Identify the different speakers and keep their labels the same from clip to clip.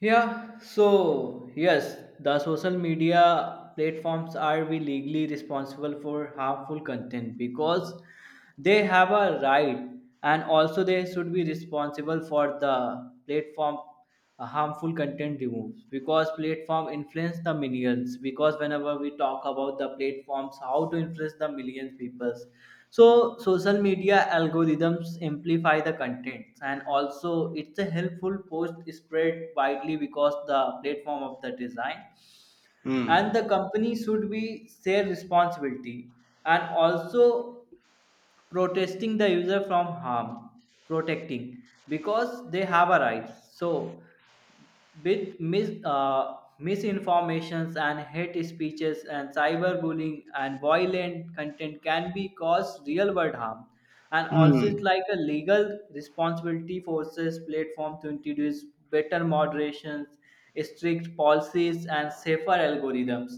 Speaker 1: Yeah, so yes, the social media platforms are we legally responsible for harmful content because they have a right, and also they should be responsible for the platform harmful content removes because platform influence the millions, because whenever we talk about the platforms how to influence the millions peoples, so social media algorithms amplify the contents, and also it's a helpful post spread widely because the platform of the design, and
Speaker 2: Hmm.
Speaker 1: the company should be share responsibility, and also protesting the user from harm, protecting, because they have a right. So with misinformations and hate speeches and cyberbullying and violent content can be cause real world harm. And also it's
Speaker 2: Hmm.
Speaker 1: like a legal responsibility forces platform to introduce better moderations, strict policies and safer algorithms.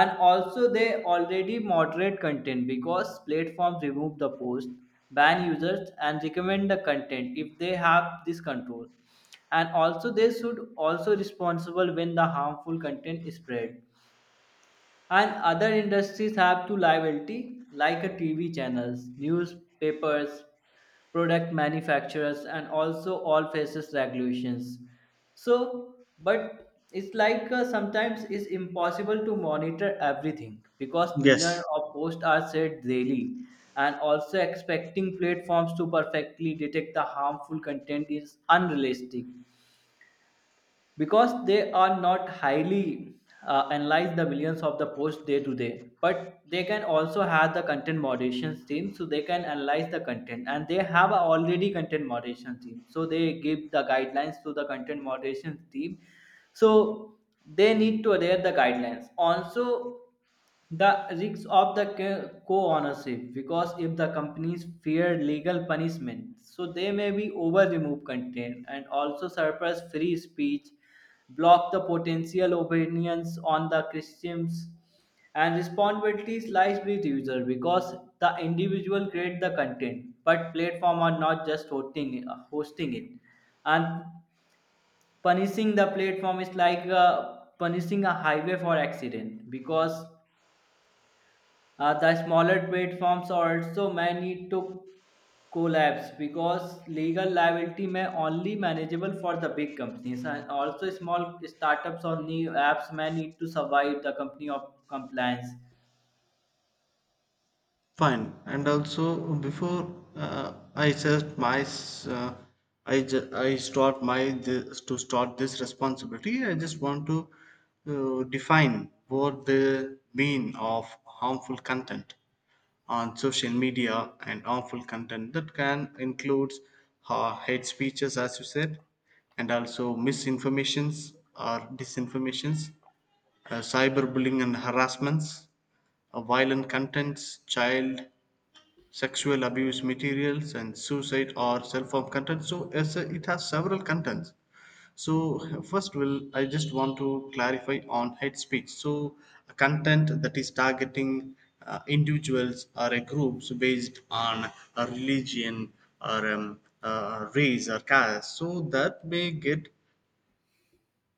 Speaker 1: And also they already moderate content because platforms remove the post, ban users and recommend the content if they have this control. And also they should also responsible when the harmful content is spread. And other industries have to liability like a TV channels, newspapers, product manufacturers, and also all faces regulations. So but it's like sometimes it's impossible to monitor everything because billion
Speaker 2: Yes,
Speaker 1: of posts are set daily. And also expecting platforms to perfectly detect the harmful content is unrealistic because they are not highly analyze the millions of the posts day to day, but they can also have the content moderation team, so they can analyze the content, and they have a already content moderation team, so they give the guidelines to the content moderation team. So they need to adhere the guidelines also. The risks of the co-ownership, because if the companies fear legal punishment, so they may be over remove content and also suppress free speech, block the potential opinions on the Christians. And responsibilities lies with user because the individual create the content, but platform are not just hosting it. And punishing the platform is like punishing a highway for accident, because the smaller platforms are also many took collapse because legal liability may only manageable for the big companies, and also small startups or new apps may need to survive the company of compliance.
Speaker 2: fine. And also, before I set I start my this, to start this responsibility. I just want to define what the mean of harmful content on social media, and harmful content that can include hate speeches, as you said, and also misinformations or disinformations, cyberbullying and harassments, violent contents, child sexual abuse materials, and suicide or self-harm content. So as a, it has several contents. So first, will I just want to clarify on hate speech. So a content that is targeting individuals or a groups based on a religion or race or caste. So that may get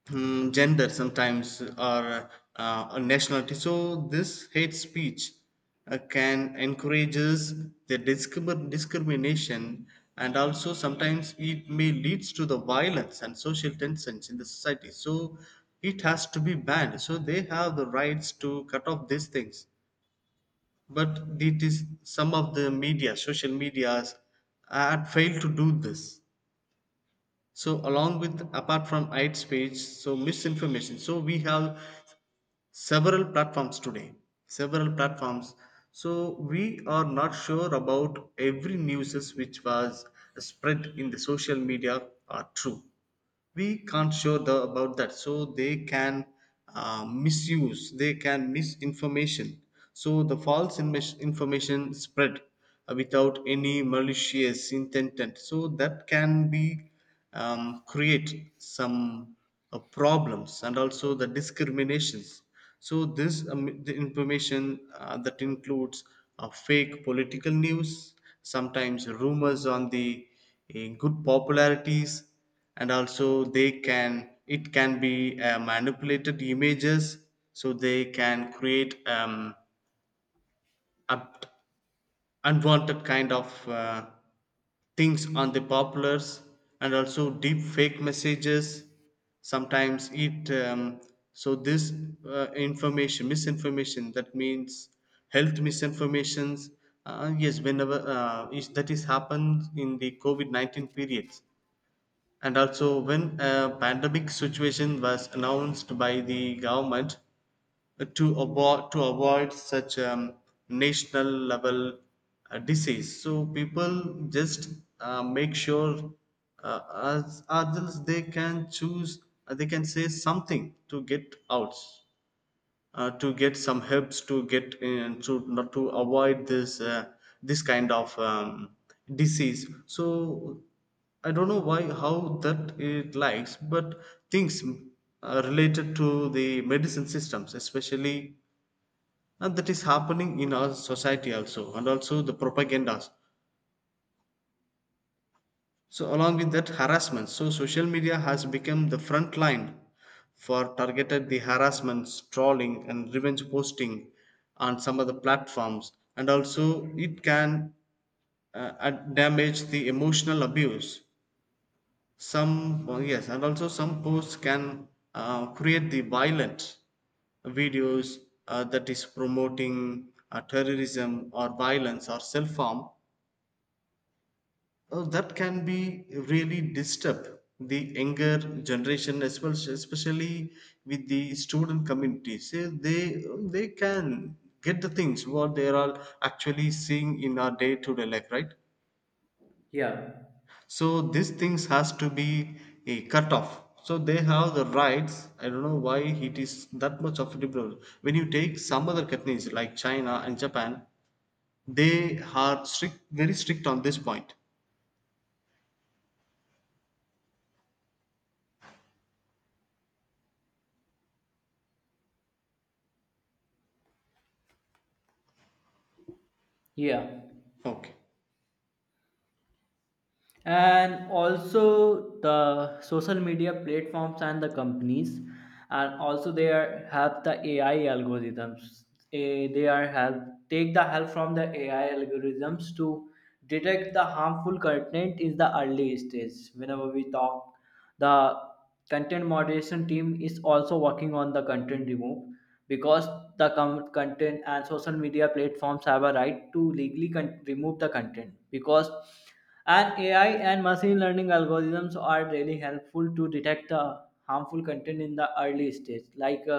Speaker 2: gender sometimes or a nationality. So this hate speech can encourages the discrimination, and also sometimes it may leads to the violence and social tensions in the society. So it has to be banned. So they have the rights to cut off these things. But it is some of the media, social medias, had failed to do this. So along with apart from hate speech, so misinformation. So we have several platforms today, several platforms, so we are not sure about every news which was spread in the social media are true. We can't show the, about that, so they can misuse, they can misinformation. So the information spread without any malicious intent, and so that can be create some problems and also the discriminations. So this the information that includes fake political news, sometimes rumors on the good popularities, and also they can, it can be manipulated images. So they can create up- unwanted kind of things on the populars, and also deep fake messages, sometimes it so this information misinformation that means health misinformations. Yes, whenever that is happened in the covid-19 periods, and also when a pandemic situation was announced by the government, to avoid such national level disease. So people just make sure uh, as adults they can choose, they can say something to get out, to get some helps, to get in, to not to avoid this this kind of disease. So I don't know why how that it likes, but things related to the medicine systems especially, and that is happening in our society also, and also the propagandas. So, along with that, harassment. So, social media has become the front line for targeted the harassments, trolling, and revenge posting on some of the platforms, and also it can damage the emotional abuse. Some yes, and also some posts can create the violent videos that is promoting terrorism or violence or self harm. Oh, that can be really disturb the younger generation as well, especially with the student community. So they can get the things what they are actually seeing in our day-to-day life, right?
Speaker 1: Yeah,
Speaker 2: So these things has to be a cut off. So they have the rights. I don't know why it is that much of a liberal. When you take some other countries like China and Japan, they are strict, very strict on this point.
Speaker 1: yeah.
Speaker 2: Okay,
Speaker 1: And also the social media platforms and the companies, and also they are have the AI algorithms. They are help, take the help from the AI algorithms to detect the harmful content in the early stage. Whenever we talk, the content moderation team is also working on the content remove, because the content and social media platforms have a right to legally remove the content. Because and AI and machine learning algorithms are really helpful to detect the harmful content in the early stage like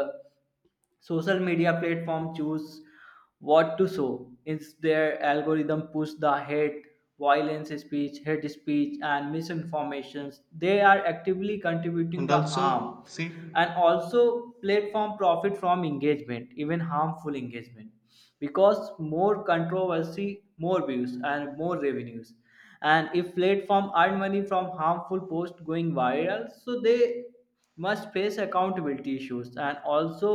Speaker 1: social media platform choose what to show is their algorithm push the hate, violence speech, hate speech and misinformations. They are actively contributing
Speaker 2: and
Speaker 1: the harm.
Speaker 2: also see.
Speaker 1: And also platform profit from engagement, even harmful engagement, because more controversy, more views and more revenues. And if platform earn money from harmful post going viral, so they must face accountability issues. And also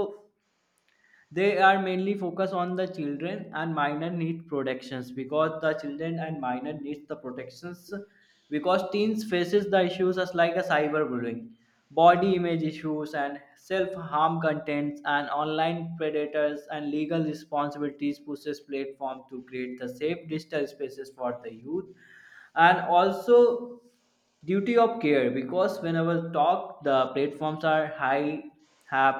Speaker 1: they are mainly focused on the children and minor need protections, because the children and minor needs the protections. Because teens faces the issues as like a cyberbullying, body image issues and self-harm contents and online predators, and legal responsibilities pushes platform to create the safe digital spaces for the youth. And also duty of care, because whenever talk the platforms are high have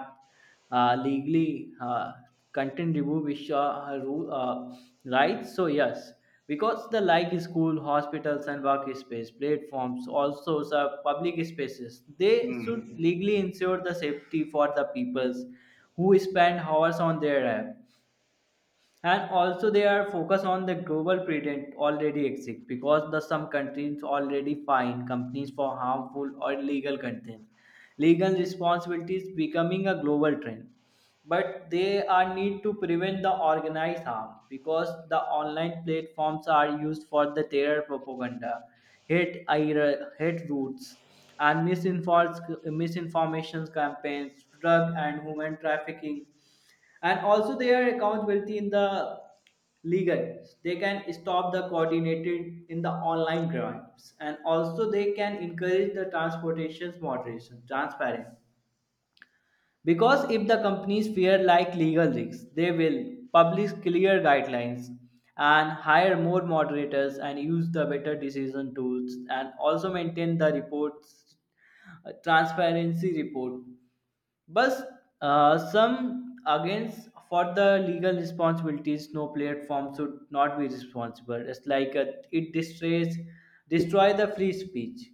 Speaker 1: legally content review which are rights, so yes. Because the like school, hospitals and workspace platforms also serve public spaces, they should
Speaker 2: Mm.
Speaker 1: legally ensure the safety for the peoples who spend hours on their app. And also they are focused on the global patent already exists, because the some countries already fine companies for harmful or illegal content. Legal responsibility is becoming a global trend, but they are need to prevent the organized harm, because the online platforms are used for the terror propaganda, hate roots and misinforms misinformation campaigns, drug and human trafficking. And also they are accountability in the legal, they can stop the coordinated in the online crimes, and also they can encourage the transportation's moderation transparent. Because if the companies fear like legal risks, they will publish clear guidelines and hire more moderators and use the better decision tools, and also maintain the reports, transparency report. But some against for the legal responsibilities, no, platform should not be responsible. It's like it destroys destroy the free speech,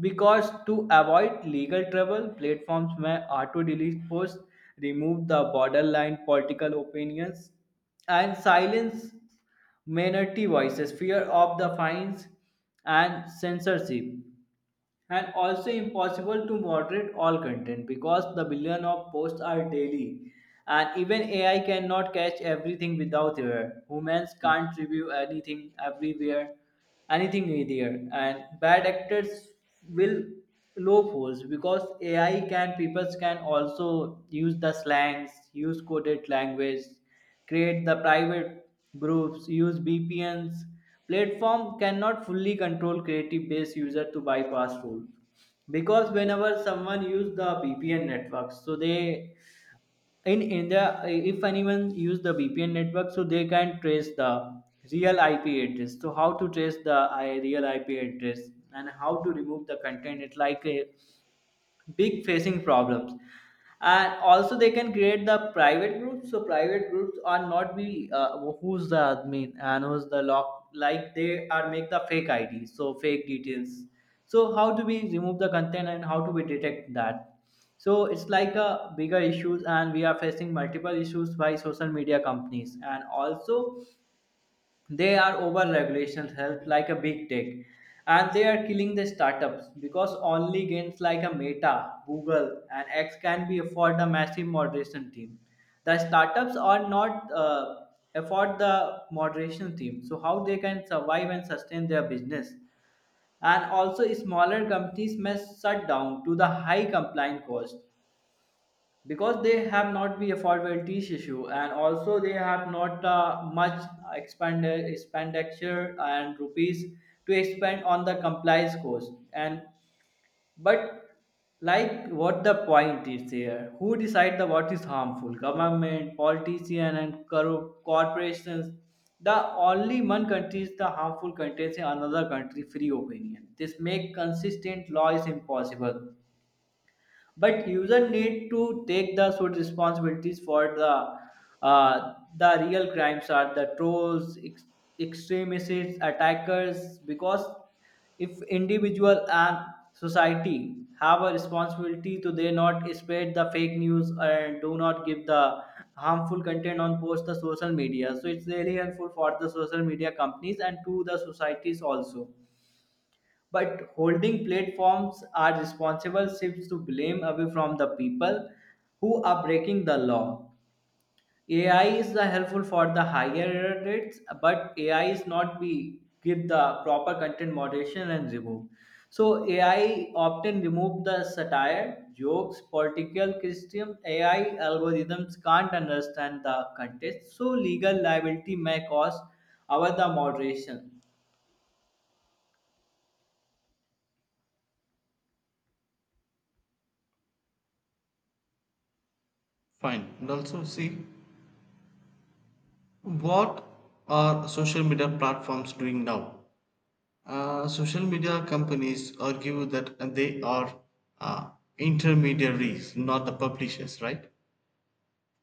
Speaker 1: because to avoid legal trouble, platforms may auto delete posts, remove the borderline political opinions, and silence minority voices, fear of the fines and censorship. And also impossible to moderate all content because the billion of posts are daily, and even AI cannot catch everything without error. Humans can't review anything everywhere, anything either. And bad actors will low force because AI can, people can also use the slangs, use coded language, create the private groups, use VPNs. Platform cannot fully control creative based user to bypass rules, because whenever someone use the VPN networks, so they, in India, if anyone use the VPN network, so they can trace the real IP address. So how to trace the real IP address and how to remove the content? It's like a big facing problems. And also they can create the private groups, so private groups are not be who's the admin and who's the lock, like they are make the fake id, so fake details. So how do we remove the content and how do we detect that? So it's like a bigger issues and we are facing multiple issues by social media companies. And also they are over regulations help like a big tech, and they are killing the startups, because only games like a meta, google and x can be afford the massive moderation team. The startups are not afford the moderation team, so how they can survive and sustain their business. And also smaller companies may shut down to the high compliance cost, because they have not the affordability issue, and also they have not much expand expenditure and rupees to expend on the compliance cost. And but like what the point is there, who decide the what is harmful, government, politician and corporations. The only one country is the harmful country is another country free opinion, this make consistent law is impossible. But user need to take the sort responsibilities for the real crimes are the trolls, extremists, attackers. Because if individual and society have a responsibility to they not spread the fake news and do not give the harmful content on post the social media, so it's really helpful for the social media companies and to the societies also. But holding platforms are responsible shifts to blame away from the people who are breaking the law. AI is the helpful for the higher rates, but AI is not be give the proper content moderation and remove. So AI often remove the satire, jokes, political criticism. AI algorithms can't understand the context, so legal liability may cause over the moderation.
Speaker 2: Fine. And also, see what are social media platforms doing now? Social media companies argue that they are uh, intermediaries, not the publishers, right?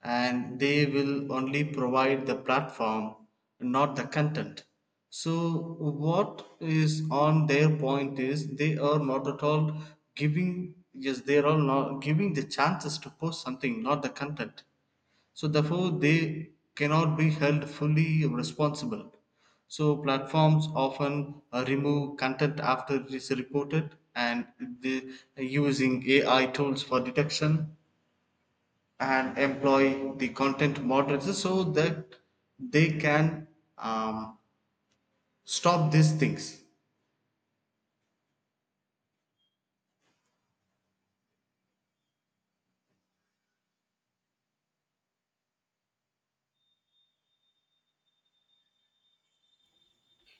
Speaker 2: And they will only provide the platform, not the content. So, what is on their point is they are not at all giving, yes, they are all not giving the chances to post something, not the content, so therefore they cannot be held fully responsible. So platforms often remove content after it is reported, and the using AI tools for detection and employ the content moderators so that they can um, stop these things.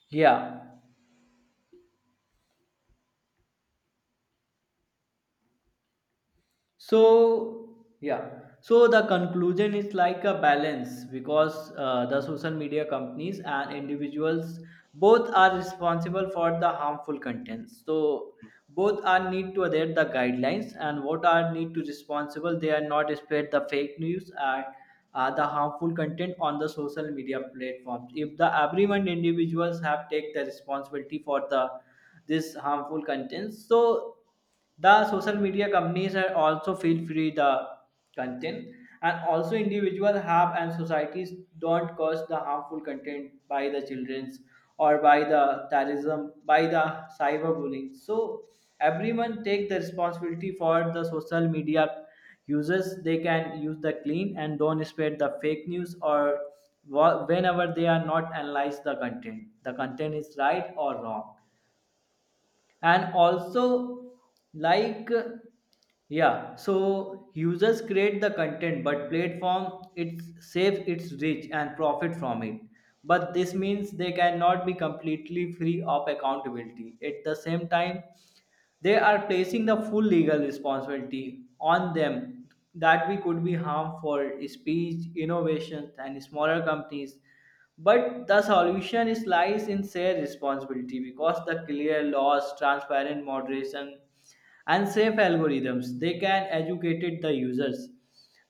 Speaker 1: Yeah. So yeah, so the conclusion is like a balance, because the social media companies and individuals both are responsible for the harmful contents. So both are need to adhere the guidelines and what are need to responsible, they are not spread the fake news and the harmful content on the social media platforms. If the everyone individuals have take the responsibility for the this harmful contents, so the social media companies are also feel free the content. And also individual have and societies don't cause the harmful content by the children's or by the terrorism, by the cyberbullying. So everyone take the responsibility for the social media. Users they can use the clean and don't spread the fake news, or whenever they are not analyze the content, the content is right or wrong. And also like, yeah, so users create the content, but platform it saves its reach and profit from it. But this means they cannot be completely free of accountability. At the same time, they are placing the full legal responsibility on them that we could be harmful speech, innovations, and smaller companies. But the solution is lies in shared responsibility, because the clear laws, transparent moderation and safe algorithms, they can educate the users.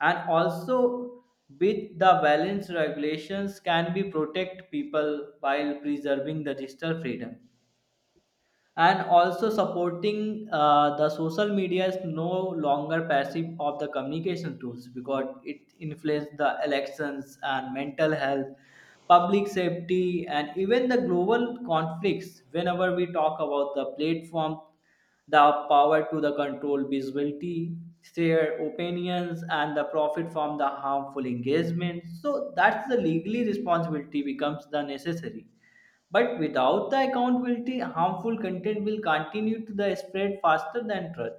Speaker 1: And also with the balanced regulations can be protect people while preserving the digital freedom. And also supporting the social media is no longer passive of the communication tools, because it influences the elections and mental health, public safety and even the global conflicts. Whenever we talk about the platform, the power to the control visibility, share opinions and the profit from the harmful engagement, so that's the legally responsibility becomes the necessary. But without the accountability, harmful content will continue to the spread faster than truth.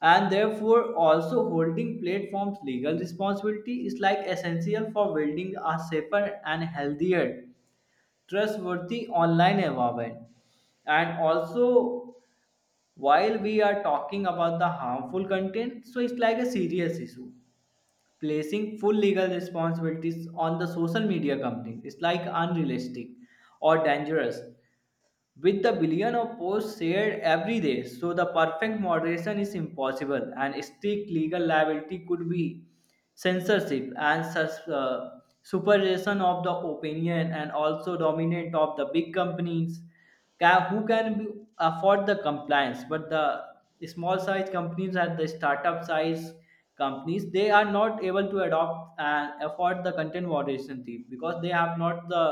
Speaker 1: And therefore, also holding platforms legal responsibility is like essential for building a safer and healthier, trustworthy online environment. And also, while we are talking about the harmful content, so it's like a serious issue. Placing full legal responsibilities on the social media companies is like unrealistic or dangerous. With the billion of posts shared every day, so the perfect moderation is impossible, and strict legal liability could be censorship and supervision of the opinion, and also dominant of the big companies ca- who can be- afford the compliance. But the small size companies and the startup size companies, they are not able to adopt and afford the content moderation team, because they have not the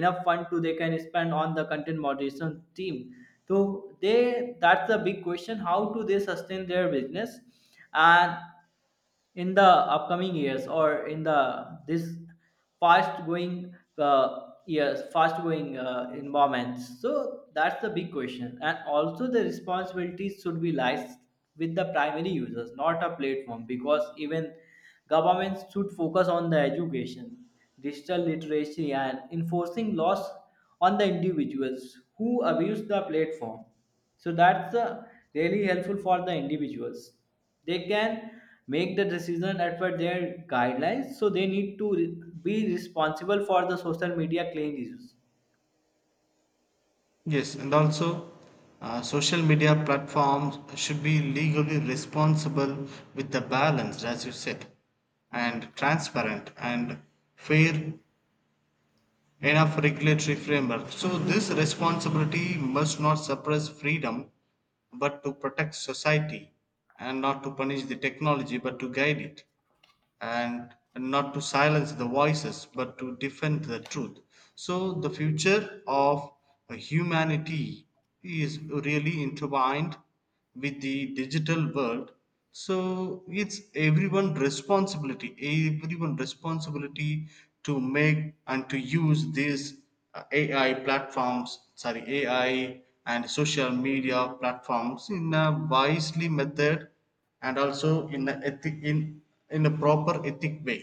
Speaker 1: enough fund to they can spend on the content moderation team. So they, that's the big question, how do they sustain their business. And in the upcoming years, or in the this fast going years, fast going environments. So that's the big question. And also the responsibilities should be lies with the primary users, not a platform, because even governments should focus on the education, digital literacy, and enforcing laws on the individuals who abuse the platform. So that's really helpful for the individuals. They can make the decision as per their guidelines. So they need to be responsible for the social media claim issues.
Speaker 2: Yes, and also social media platforms should be legally responsible with the balance, as you said, and transparent and fair enough regulatory framework. So, this responsibility must not suppress freedom but to protect society, and not to punish the technology but to guide it, and not to silence the voices but to defend the truth. So, the future of humanity is really intertwined with the digital world. So, it's everyone responsibility to make and to use these AI platforms, sorry, AI and social media platforms in a wisely method, and also in a ethic in a proper ethic way.